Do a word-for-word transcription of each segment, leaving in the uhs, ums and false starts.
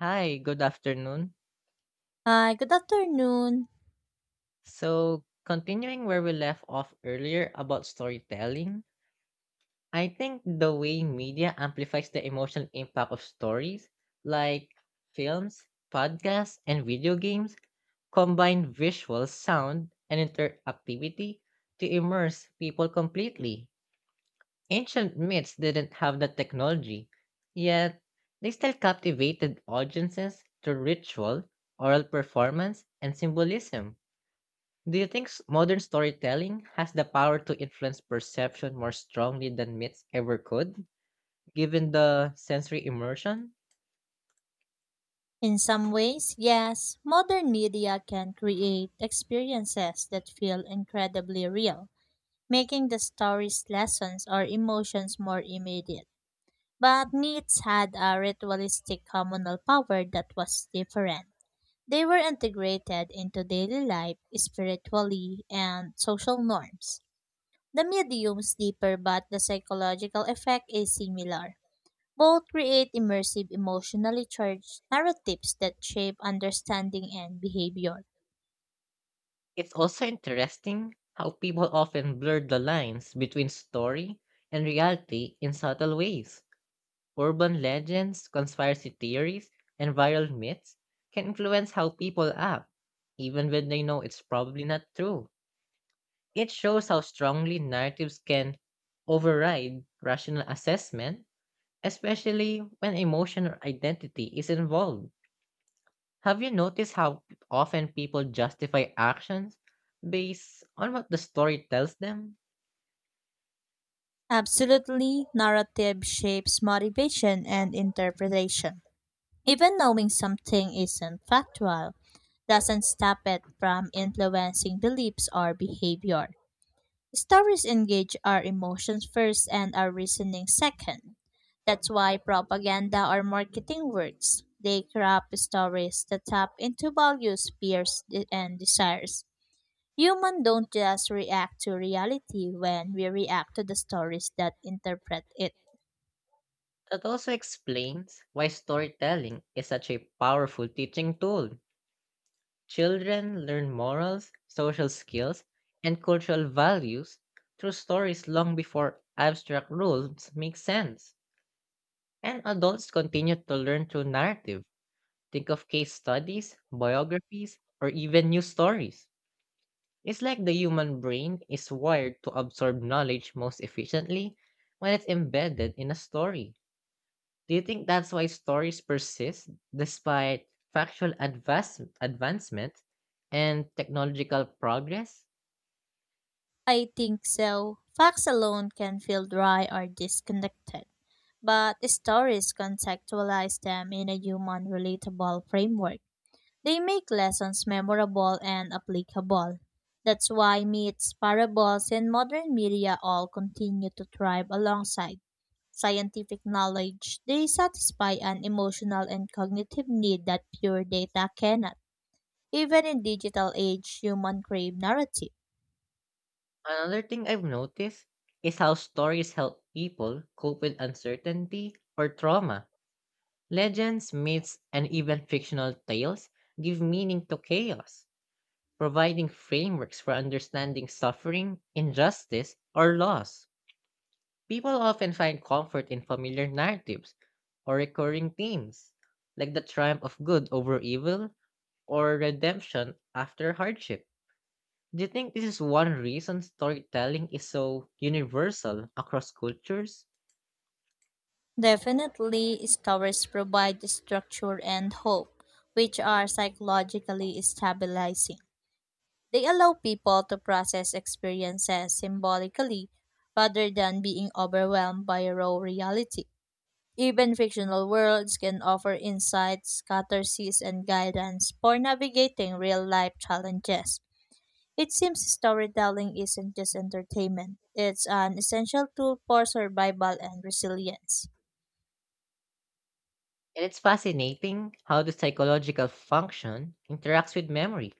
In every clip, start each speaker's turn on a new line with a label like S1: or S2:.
S1: Hi, good afternoon.
S2: Hi, good afternoon.
S1: So, continuing where we left off earlier about storytelling, I think the way media amplifies the emotional impact of stories, like films, podcasts, and video games, combine visual, sound, and interactivity to immerse people completely. Ancient myths didn't have that technology, yet they still captivated audiences through ritual, oral performance, and symbolism. Do you think s- modern storytelling has the power to influence perception more strongly than myths ever could, given the sensory immersion?
S2: In some ways, yes, modern media can create experiences that feel incredibly real, making the stories, lessons, or emotions more immediate. But myths had a ritualistic communal power that was different. They were integrated into daily life, spiritually, and social norms. The medium's deeper, but the psychological effect is similar. Both create immersive, emotionally charged narratives that shape understanding and behavior.
S1: It's also interesting how people often blur the lines between story and reality in subtle ways. Urban legends, conspiracy theories, and viral myths can influence how people act, even when they know it's probably not true. It shows how strongly narratives can override rational assessment, especially when emotion or identity is involved. Have you noticed how p- often people justify actions based on what the story tells them?
S2: Absolutely, narrative shapes motivation and interpretation. Even knowing something isn't factual doesn't stop it from influencing beliefs or behavior. Stories engage our emotions first and our reasoning second. That's why propaganda or marketing works. They craft stories that tap into values, fears, de- and desires. Humans don't just react to reality when we react to the stories that interpret it.
S1: That also explains why storytelling is such a powerful teaching tool. Children learn morals, social skills, and cultural values through stories long before abstract rules make sense. And adults continue to learn through narrative. Think of case studies, biographies, or even news stories. It's like the human brain is wired to absorb knowledge most efficiently when it's embedded in a story. Do you think that's why stories persist despite factual advance- advancement and technological progress?
S2: I think so. Facts alone can feel dry or disconnected, but stories contextualize them in a human relatable framework. They make lessons memorable and applicable. That's why myths, parables, and modern media all continue to thrive alongside scientific knowledge. They satisfy an emotional and cognitive need that pure data cannot. Even in digital age, human crave narrative.
S1: Another thing I've noticed is how stories help people cope with uncertainty or trauma. Legends, myths, and even fictional tales give meaning to chaos, providing frameworks for understanding suffering, injustice, or loss. People often find comfort in familiar narratives or recurring themes, like the triumph of good over evil or redemption after hardship. Do you think this is one reason storytelling is so universal across cultures?
S2: Definitely, stories provide structure and hope, which are psychologically stabilizing. They allow people to process experiences symbolically rather than being overwhelmed by raw reality. Even fictional worlds can offer insights, catharsis, and guidance for navigating real life challenges. It seems storytelling isn't just entertainment, it's an essential tool for survival and resilience.
S1: And it's fascinating how the psychological function interacts with memory.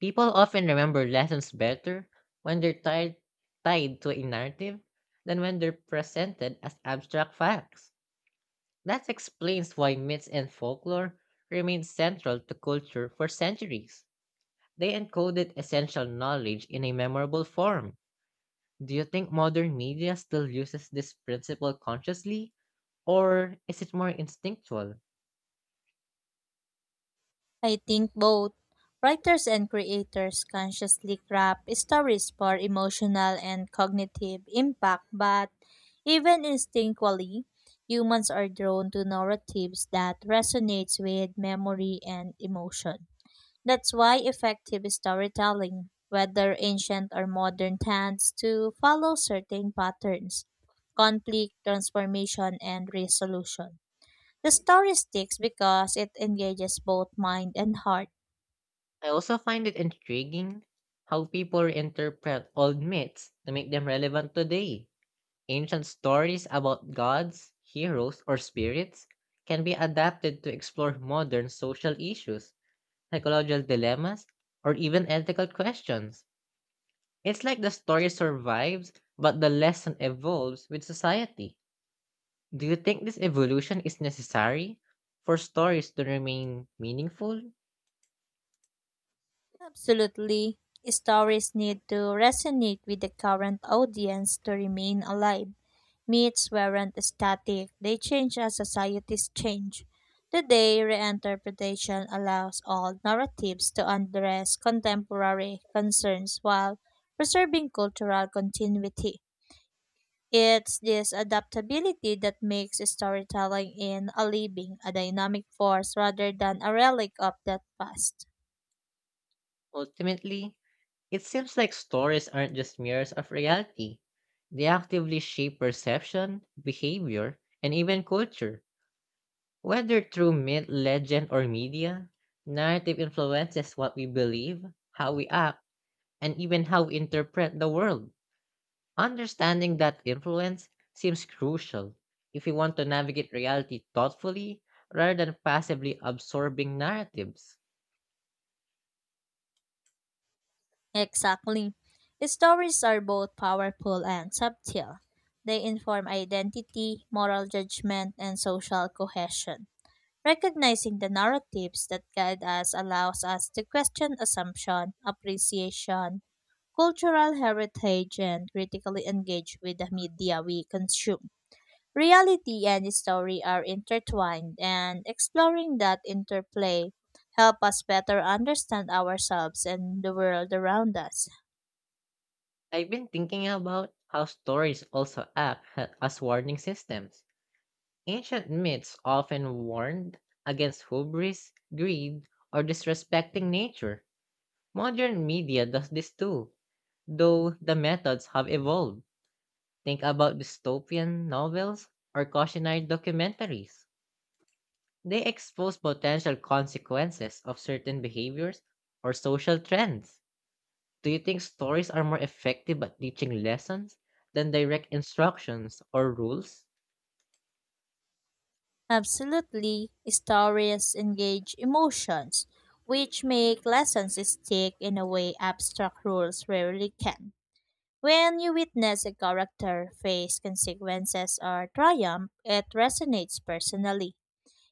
S1: People often remember lessons better when they're tied, tied to a narrative than when they're presented as abstract facts. That explains why myths and folklore remained central to culture for centuries. They encoded essential knowledge in a memorable form. Do you think modern media still uses this principle consciously, or is it more instinctual?
S2: I think both writers and creators consciously craft stories for emotional and cognitive impact, but even instinctually, humans are drawn to narratives that resonates with memory and emotion. That's why effective storytelling, whether ancient or modern, tends to follow certain patterns, conflict, transformation, and resolution. The story sticks because it engages both mind and heart.
S1: I also find it intriguing how people interpret old myths to make them relevant today. Ancient stories about gods, heroes, or spirits can be adapted to explore modern social issues, psychological dilemmas, or even ethical questions. It's like the story survives, but the lesson evolves with society. Do you think this evolution is necessary for stories to remain meaningful?
S2: Absolutely. Stories need to resonate with the current audience to remain alive. Myths weren't static, they change as societies change. Today, reinterpretation allows all narratives to address contemporary concerns while preserving cultural continuity. It's this adaptability that makes storytelling in a living, a dynamic force rather than a relic of the past.
S1: Ultimately, it seems like stories aren't just mirrors of reality. They actively shape perception, behavior, and even culture. Whether through myth, legend, or media, narrative influences what we believe, how we act, and even how we interpret the world. Understanding that influence seems crucial if we want to navigate reality thoughtfully rather than passively absorbing narratives.
S2: Exactly. Stories are both powerful and subtle. They inform identity, moral judgment, and social cohesion. Recognizing the narratives that guide us allows us to question assumption, appreciation, cultural heritage, and critically engage with the media we consume. Reality and story are intertwined, and exploring that interplay help us better understand ourselves and the world around us.
S1: I've been thinking about how stories also act ha- as warning systems. Ancient myths often warned against hubris, greed, or disrespecting nature. Modern media does this too, though the methods have evolved. Think about dystopian novels or cautionary documentaries. They expose potential consequences of certain behaviors or social trends. Do you think stories are more effective at teaching lessons than direct instructions or rules?
S2: Absolutely, stories engage emotions, which make lessons stick in a way abstract rules rarely can. When you witness a character face consequences or triumph, it resonates personally.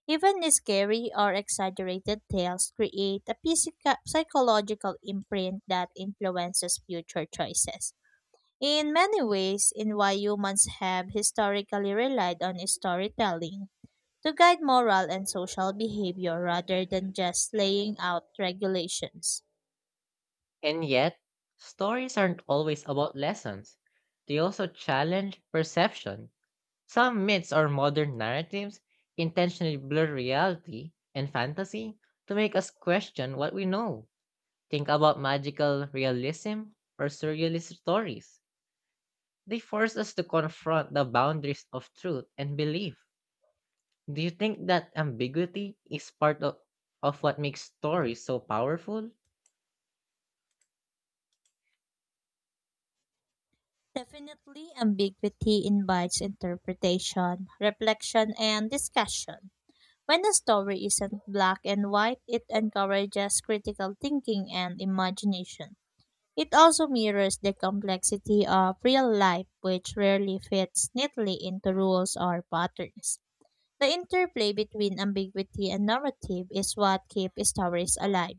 S2: Even scary or exaggerated tales create a physica- psychological imprint that influences future choices. In many ways, in why humans have historically relied on storytelling to guide moral and social behavior rather than just laying out regulations.
S1: And yet, stories aren't always about lessons. They also challenge perception. Some myths or modern narratives intentionally blur reality and fantasy to make us question what we know. Think about magical realism or surrealist stories. They force us to confront the boundaries of truth and belief. Do you think that ambiguity is part of, of what makes stories so powerful?
S2: Definitely, ambiguity invites interpretation, reflection, and discussion. When a story isn't black and white, it encourages critical thinking and imagination. It also mirrors the complexity of real life, which rarely fits neatly into rules or patterns. The interplay between ambiguity and narrative is what keeps stories alive.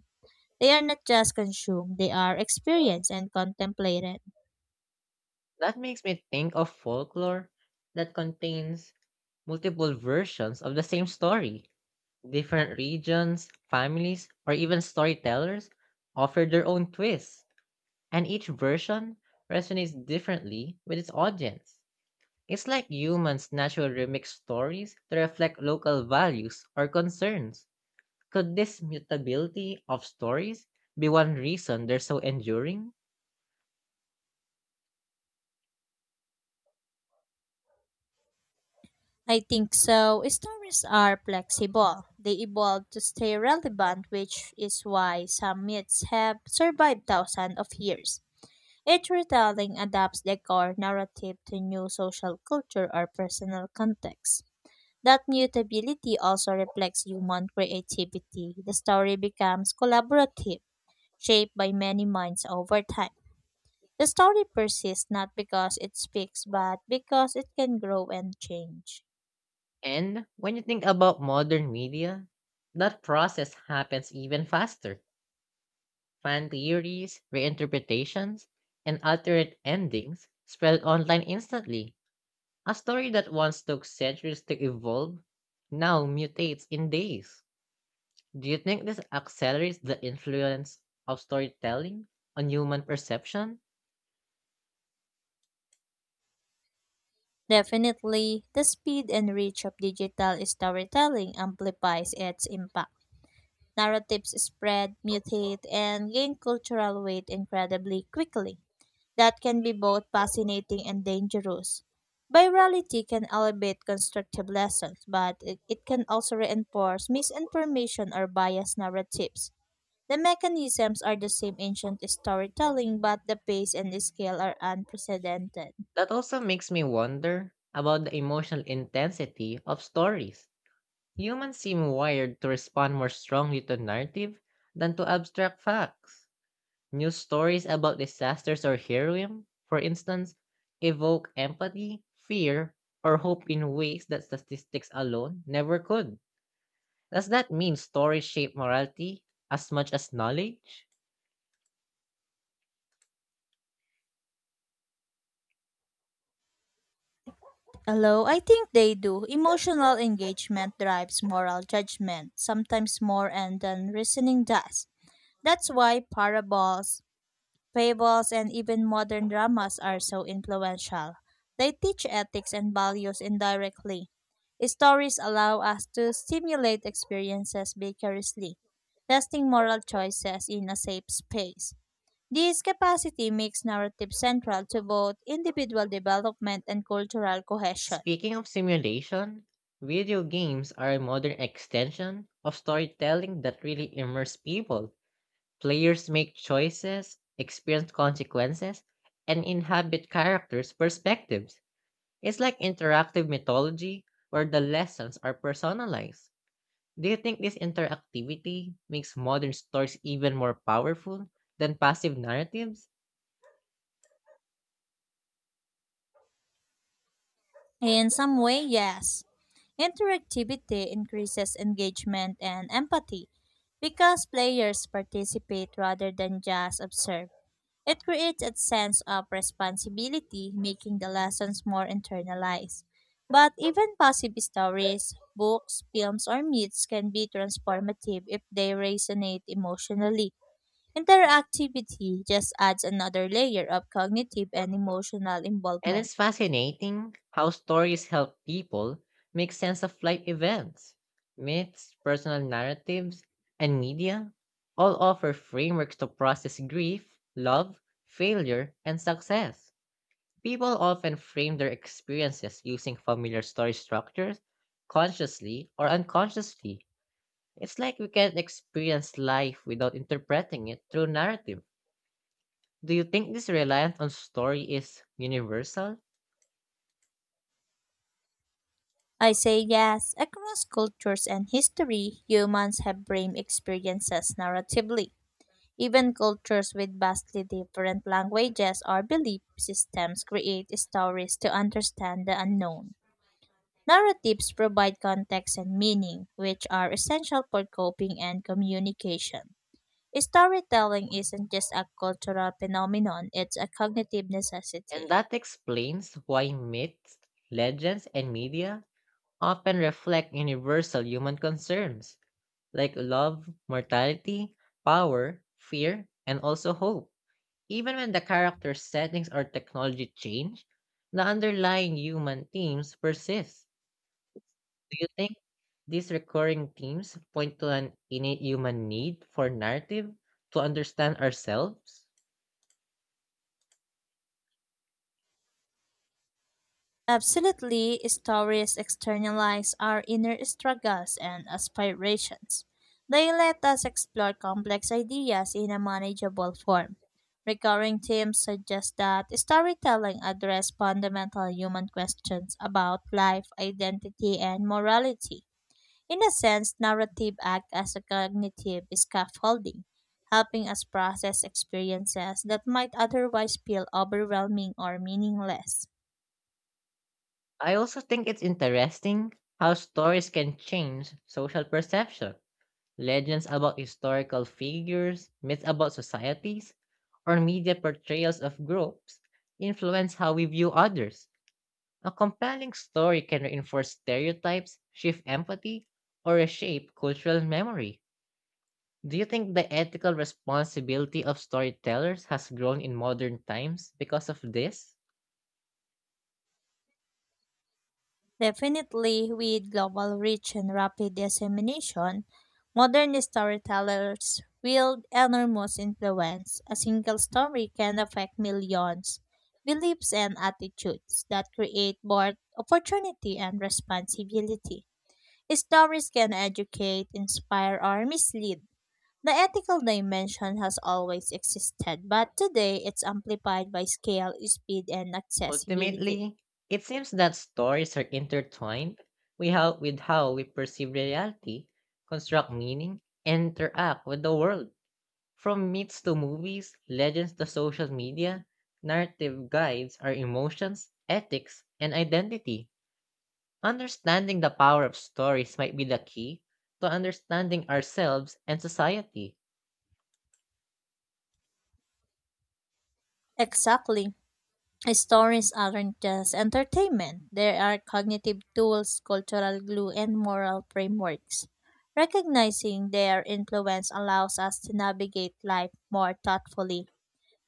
S2: They are not just consumed, they are experienced and contemplated.
S1: That makes me think of folklore that contains multiple versions of the same story. Different regions, families, or even storytellers offer their own twists, and each version resonates differently with its audience. It's like humans naturally remix stories to reflect local values or concerns. Could this mutability of stories be one reason they're so enduring?
S2: I think so. Stories are flexible. They evolve to stay relevant, which is why some myths have survived thousands of years. Each retelling adapts the core narrative to new social culture or personal context. That mutability also reflects human creativity. The story becomes collaborative, shaped by many minds over time. The story persists not because it speaks, but because it can grow and change.
S1: And when you think about modern media, that process happens even faster. Fan theories, reinterpretations, and alternate endings spread online instantly. A story that once took centuries to evolve now mutates in days. Do you think this accelerates the influence of storytelling on human perception?
S2: Definitely, the speed and reach of digital storytelling amplifies its impact. Narratives spread, mutate, and gain cultural weight incredibly quickly. That can be both fascinating and dangerous. Virality can elevate constructive lessons, but it it can also reinforce misinformation or biased narratives. The mechanisms are the same ancient storytelling, but the pace and the scale are unprecedented.
S1: That also makes me wonder about the emotional intensity of stories. Humans seem wired to respond more strongly to narrative than to abstract facts. News stories about disasters or heroism, for instance, evoke empathy, fear, or hope in ways that statistics alone never could. Does that mean stories shape morality as much as knowledge?
S2: Hello, I think they do, emotional engagement drives moral judgment, sometimes more and than reasoning does. That's why parables, fables, and even modern dramas are so influential. They teach ethics and values indirectly. Stories allow us to stimulate experiences vicariously, testing moral choices in a safe space. This capacity makes narrative central to both individual development and cultural cohesion.
S1: Speaking of simulation, video games are a modern extension of storytelling that really immerse people. Players make choices, experience consequences, and inhabit characters' perspectives. It's like interactive mythology where the lessons are personalized. Do you think this interactivity makes modern stories even more powerful than passive narratives?
S2: In some way, yes. Interactivity increases engagement and empathy because players participate rather than just observe. It creates a sense of responsibility, making the lessons more internalized. But even positive stories, books, films, or myths can be transformative if they resonate emotionally. Interactivity just adds another layer of cognitive and emotional
S1: And
S2: involvement.
S1: it's fascinating how stories help people make sense of life events. Myths, personal narratives, and media all offer frameworks to process grief, love, failure, and success. People often frame their experiences using familiar story structures, consciously or unconsciously. It's like we can't experience life without interpreting it through narrative. Do you think this reliance on story is universal?
S2: I say yes, across cultures and history, humans have brain experiences narratively. Even cultures with vastly different languages or belief systems create stories to understand the unknown. Narratives provide context and meaning, which are essential for coping and communication. Storytelling isn't just a cultural phenomenon, it's a cognitive
S1: And
S2: necessity.
S1: that explains why myths, legends, and media often reflect universal human concerns like love, mortality, power, fear, and also hope. Even when the character settings or technology change, the underlying human themes persist. Do you think these recurring themes point to an innate human need for narrative to understand ourselves?
S2: Absolutely, stories externalize our inner struggles and aspirations. They let us explore complex ideas in a manageable form. Recurring themes suggest that storytelling address fundamental human questions about life, identity, and morality. In a sense, narrative act as a cognitive scaffolding, helping us process experiences that might otherwise feel overwhelming or meaningless.
S1: I also think it's interesting how stories can change social perception. Legends about historical figures, myths about societies, or media portrayals of groups influence how we view others. A compelling story can reinforce stereotypes, shift empathy, or reshape cultural memory. Do you think the ethical responsibility of storytellers has grown in modern times because of this?
S2: Definitely, with global reach and rapid dissemination, modern storytellers wield enormous influence. A single story can affect millions. Beliefs and attitudes that create both opportunity and responsibility. Stories can educate, inspire, or mislead. The ethical dimension has always existed, but today it's amplified by scale, speed, and accessibility.
S1: Ultimately, it seems that stories are intertwined with how, with how we perceive reality, construct meaning, and interact with the world. From myths to movies, legends to social media, narrative guides our emotions, ethics, and identity. Understanding the power of stories might be the key to understanding ourselves and society.
S2: Exactly. Stories aren't just entertainment, they are cognitive tools, cultural glue, and moral frameworks. Recognizing their influence allows us to navigate life more thoughtfully,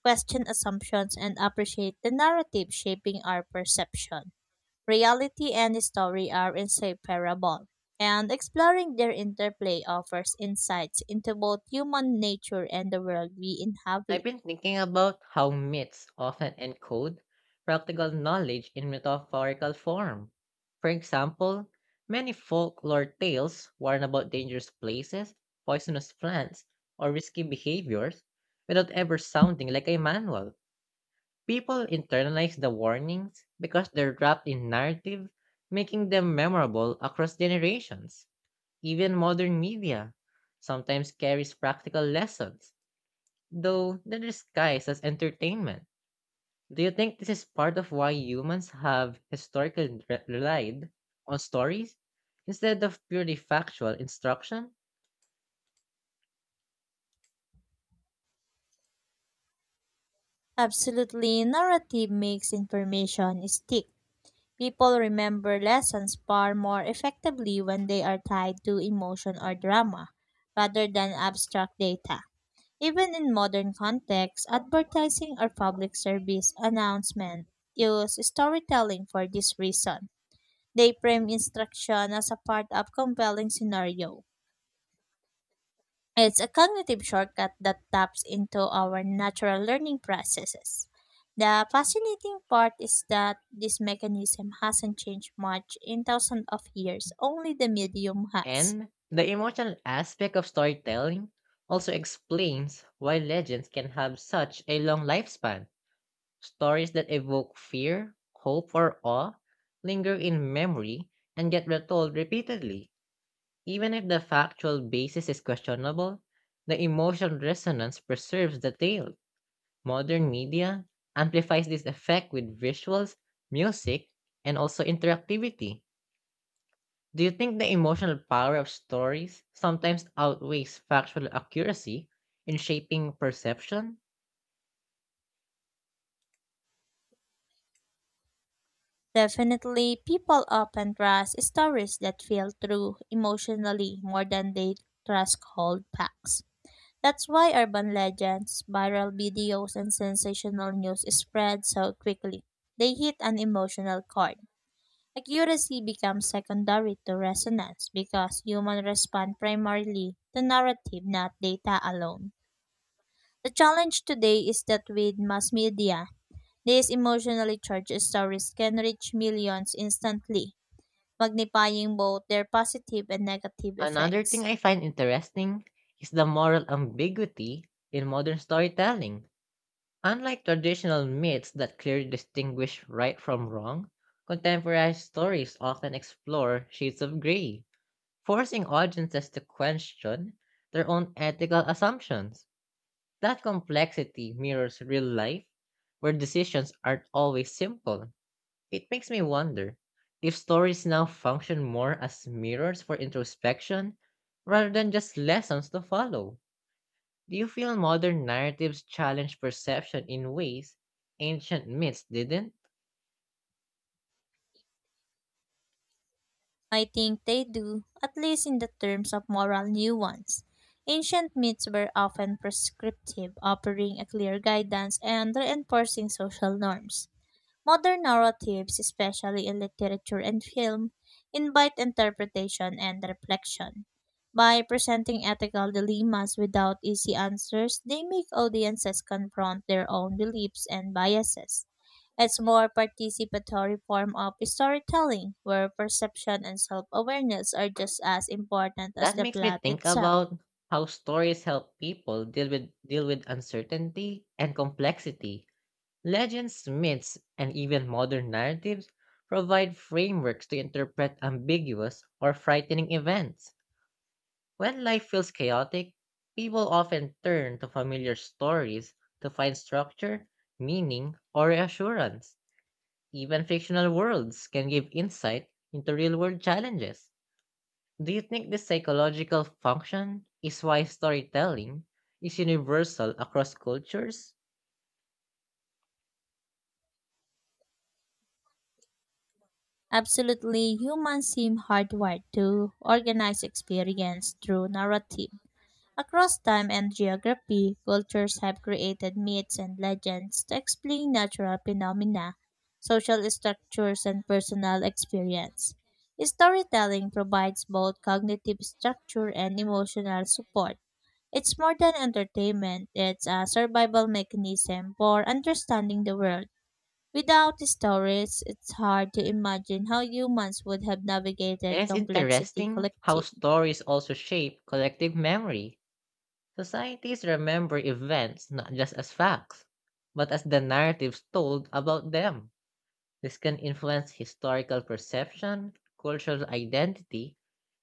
S2: question assumptions, and appreciate the narrative shaping our perception. Reality and story are inseparable, and exploring their interplay offers insights into both human nature and the world we
S1: I've
S2: inhabit.
S1: been thinking about how myths often encode practical knowledge in metaphorical form. For example, many folklore tales warn about dangerous places, poisonous plants, or risky behaviors without ever sounding like a manual. People internalize the warnings because they're wrapped in narrative, making them memorable across generations. Even modern media sometimes carries practical lessons, though they're disguised as entertainment. Do you think this is part of why humans have historically re- relied on stories instead of purely factual instruction?
S2: Absolutely, narrative makes information stick. People remember lessons far more effectively when they are tied to emotion or drama rather than abstract data. Even in modern contexts, advertising or public service announcement use storytelling for this reason. They frame instruction as a part of compelling scenario. It's a cognitive shortcut that taps into our natural learning processes. The fascinating part is that this mechanism hasn't changed much in thousands of years, only the medium has.
S1: And the emotional aspect of storytelling also explains why legends can have such a long lifespan. Stories that evoke fear, hope, or awe linger in memory and get retold repeatedly. Even if the factual basis is questionable, the emotional resonance preserves the tale. Modern media amplifies this effect with visuals, music, and also interactivity. Do you think the emotional power of stories sometimes outweighs factual accuracy in shaping perception?
S2: Definitely, people often trust stories that feel true emotionally more than they trust cold facts. That's why urban legends, viral videos, and sensational news spread so quickly. They hit an emotional chord. Accuracy becomes secondary to resonance because humans respond primarily to narrative, not data alone. The challenge today is that with mass media, these emotionally charged stories can reach millions instantly, magnifying both their positive and negative
S1: Another
S2: effects.
S1: thing I find interesting is the moral ambiguity in modern storytelling. Unlike traditional myths that clearly distinguish right from wrong, contemporary stories often explore shades of gray, forcing audiences to question their own ethical assumptions. That complexity mirrors real life, where decisions aren't always simple. It makes me wonder if stories now function more as mirrors for introspection rather than just lessons to follow. Do you feel modern narratives challenge perception in ways ancient myths didn't?
S2: I think they do, at least in the terms of moral nuance. Ancient myths were often prescriptive, offering a clear guidance and reinforcing social norms. Modern narratives, especially in literature and film, invite interpretation and reflection. By presenting ethical dilemmas without easy answers, they make audiences confront their own beliefs and biases. It's more participatory form of storytelling where perception and self-awareness are just as important as
S1: That
S2: the
S1: makes me
S2: plot
S1: think
S2: itself.
S1: about how stories help people deal with deal with uncertainty and complexity. Legends, myths, and even modern narratives provide frameworks to interpret ambiguous or frightening events. When life feels chaotic, people often turn to familiar stories to find structure, meaning, or reassurance. Even fictional worlds can give insight into real world challenges. Do you think this psychological function is why storytelling is universal across cultures?
S2: Absolutely, humans seem hardwired to organize experience through narrative. Across time and geography, cultures have created myths and legends to explain natural phenomena, social structures, and personal experience. Storytelling provides both cognitive structure and emotional support. It's more than entertainment, it's a survival mechanism for understanding the world. Without stories, it's hard to imagine how humans would have
S1: And
S2: navigated
S1: it's
S2: complexity
S1: interesting how
S2: collectively.
S1: stories also shape collective memory. Societies remember events not just as facts, but as the narratives told about them. This can influence historical perception, cultural identity,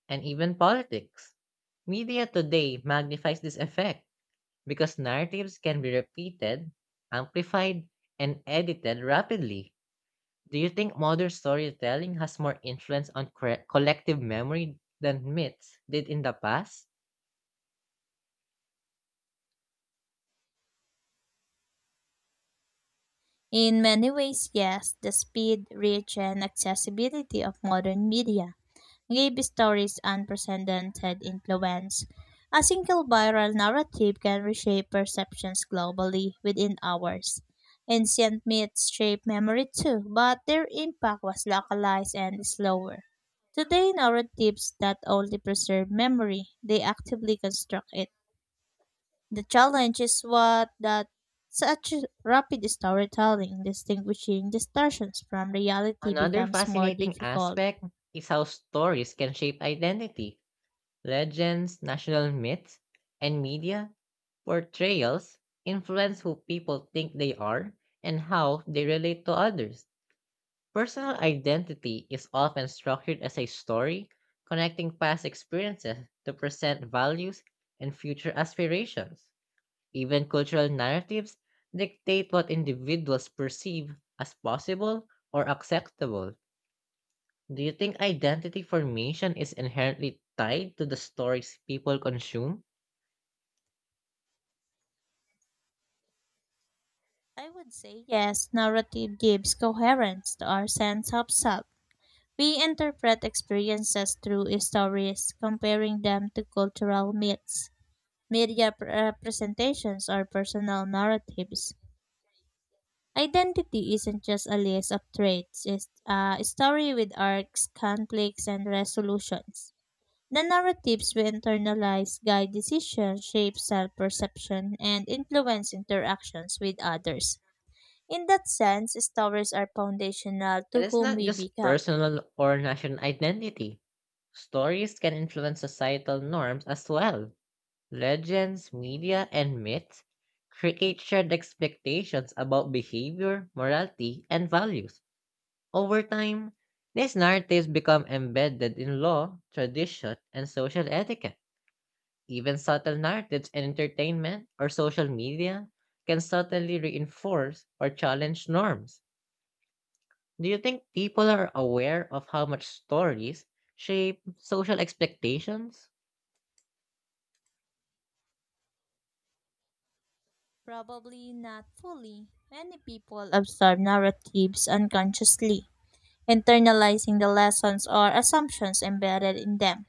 S1: and even politics. Media today magnifies this effect because narratives can be repeated, amplified, and edited rapidly. Do you think modern storytelling has more influence on cre- collective memory than myths did in the past?
S2: In many ways, yes, the speed, reach, and accessibility of modern media gave stories unprecedented influence. A single viral narrative can reshape perceptions globally within hours. Ancient myths shaped memory too, but their impact was localized and slower. Today, narratives not only preserve memory, they actively construct it. The challenge is what that such rapid storytelling distinguishing distortions from reality
S1: Another
S2: becomes more
S1: fascinating
S2: difficult.
S1: aspect is how stories can shape identity. Legends, national myths, and media portrayals influence who people think they are and how they relate to others. Personal identity is often structured as a story connecting past experiences to present values and future aspirations. Even cultural narratives dictate what individuals perceive as possible or acceptable. Do you think identity formation is inherently tied to the stories people consume?
S2: I would say yes, narrative gives coherence to our sense of self. We interpret experiences through stories, comparing them to cultural myths, media pr- representations, or personal narratives. Identity isn't just a list of traits, it's a story with arcs, conflicts, and resolutions. The narratives we internalize guide decisions, shape self perception, and influence interactions with others. In that sense, stories are foundational
S1: And
S2: to
S1: it's
S2: whom
S1: not
S2: we
S1: just
S2: become.
S1: personal or national identity. Stories can influence societal norms as well. Legends, media, and myths create shared expectations about behavior, morality, and values. Over time, these narratives become embedded in law, tradition, and social etiquette. Even subtle narratives in entertainment or social media can subtly reinforce or challenge norms. Do you think people are aware of how much stories shape social expectations?
S2: Probably not fully. Many people absorb narratives unconsciously, internalizing the lessons or assumptions embedded in them.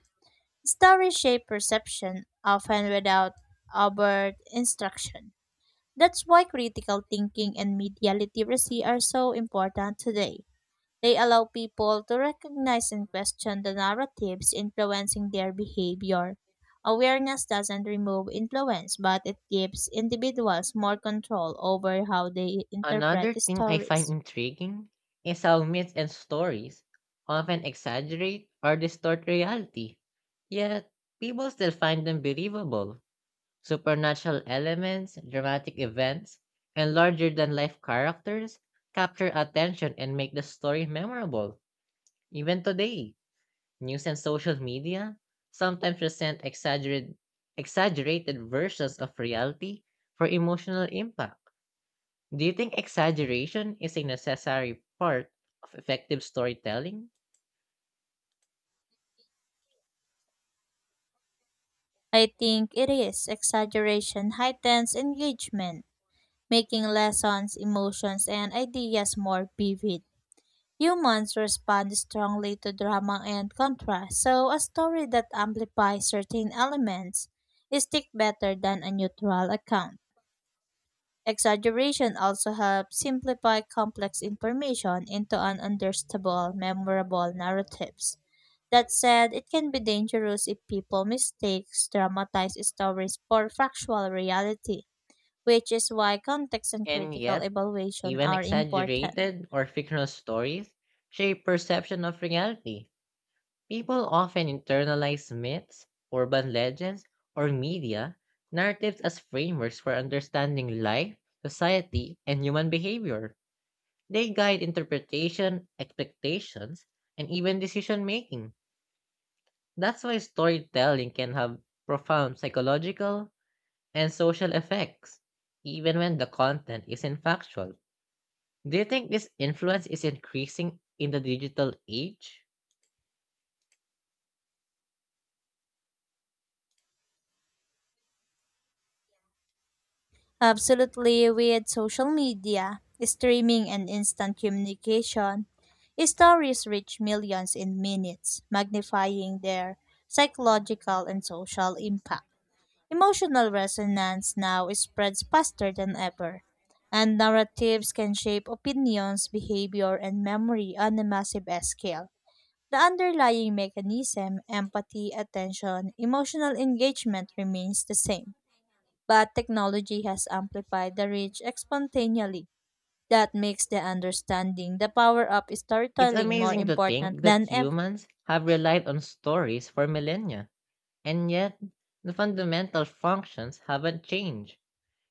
S2: Stories shape perception, often without overt instruction. That's why critical thinking and media literacy are so important today. They allow people to recognize and question the narratives influencing their behavior. Awareness doesn't remove influence, but it gives individuals more control over how they
S1: Another
S2: interpret
S1: thing I find
S2: stories.
S1: intriguing is how myths and stories often exaggerate or distort reality, yet people still find them believable. Supernatural elements, dramatic events, and larger than life characters capture attention and make the story memorable. Even today, news and social media sometimes present exaggerate, exaggerated versions of reality for emotional impact. Do you think exaggeration is a necessary part of effective storytelling?
S2: I think it is exaggeration heightens engagement, making lessons, emotions, and ideas more vivid. Humans respond strongly to drama and contrast, so a story that amplifies certain elements stick better than a neutral account. Exaggeration also helps simplify complex information into an understandable, memorable narratives. That said, it can be dangerous if people mistake dramatized stories for factual reality, which is why context and
S1: And
S2: critical
S1: yet,
S2: evaluation
S1: even
S2: are important.
S1: exaggerated or fictional stories shape perception of reality. People often internalize myths, urban legends, or media narratives as frameworks for understanding life, society, and human behavior. They guide interpretation, expectations, and even decision making. That's why storytelling can have profound psychological, and social effects, even when the content isn't factual. Do you think this influence is increasing in the digital age?
S2: Absolutely, with social media, streaming, and instant communication, stories reach millions in minutes, magnifying their psychological and social impact. Emotional resonance now spreads faster than ever, and narratives can shape opinions, behavior, and memory on a massive scale. The underlying mechanism, empathy, attention, emotional engagement remains the same, but technology has amplified the reach exponentially. That makes the understanding the power of
S1: It's
S2: storytelling more
S1: amazing to
S2: important
S1: think that
S2: than ever.
S1: humans have relied on stories for millennia, and yet the fundamental functions haven't changed.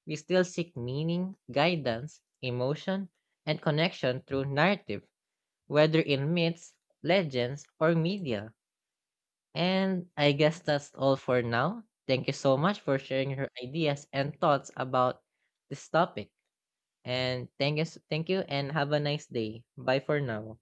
S1: We still seek meaning, guidance, emotion, and connection through narrative, whether in myths, legends, or media. And I guess that's all for now. Thank you so much for sharing your ideas and thoughts about this topic. And thank you, thank you, and have a nice day. Bye for now.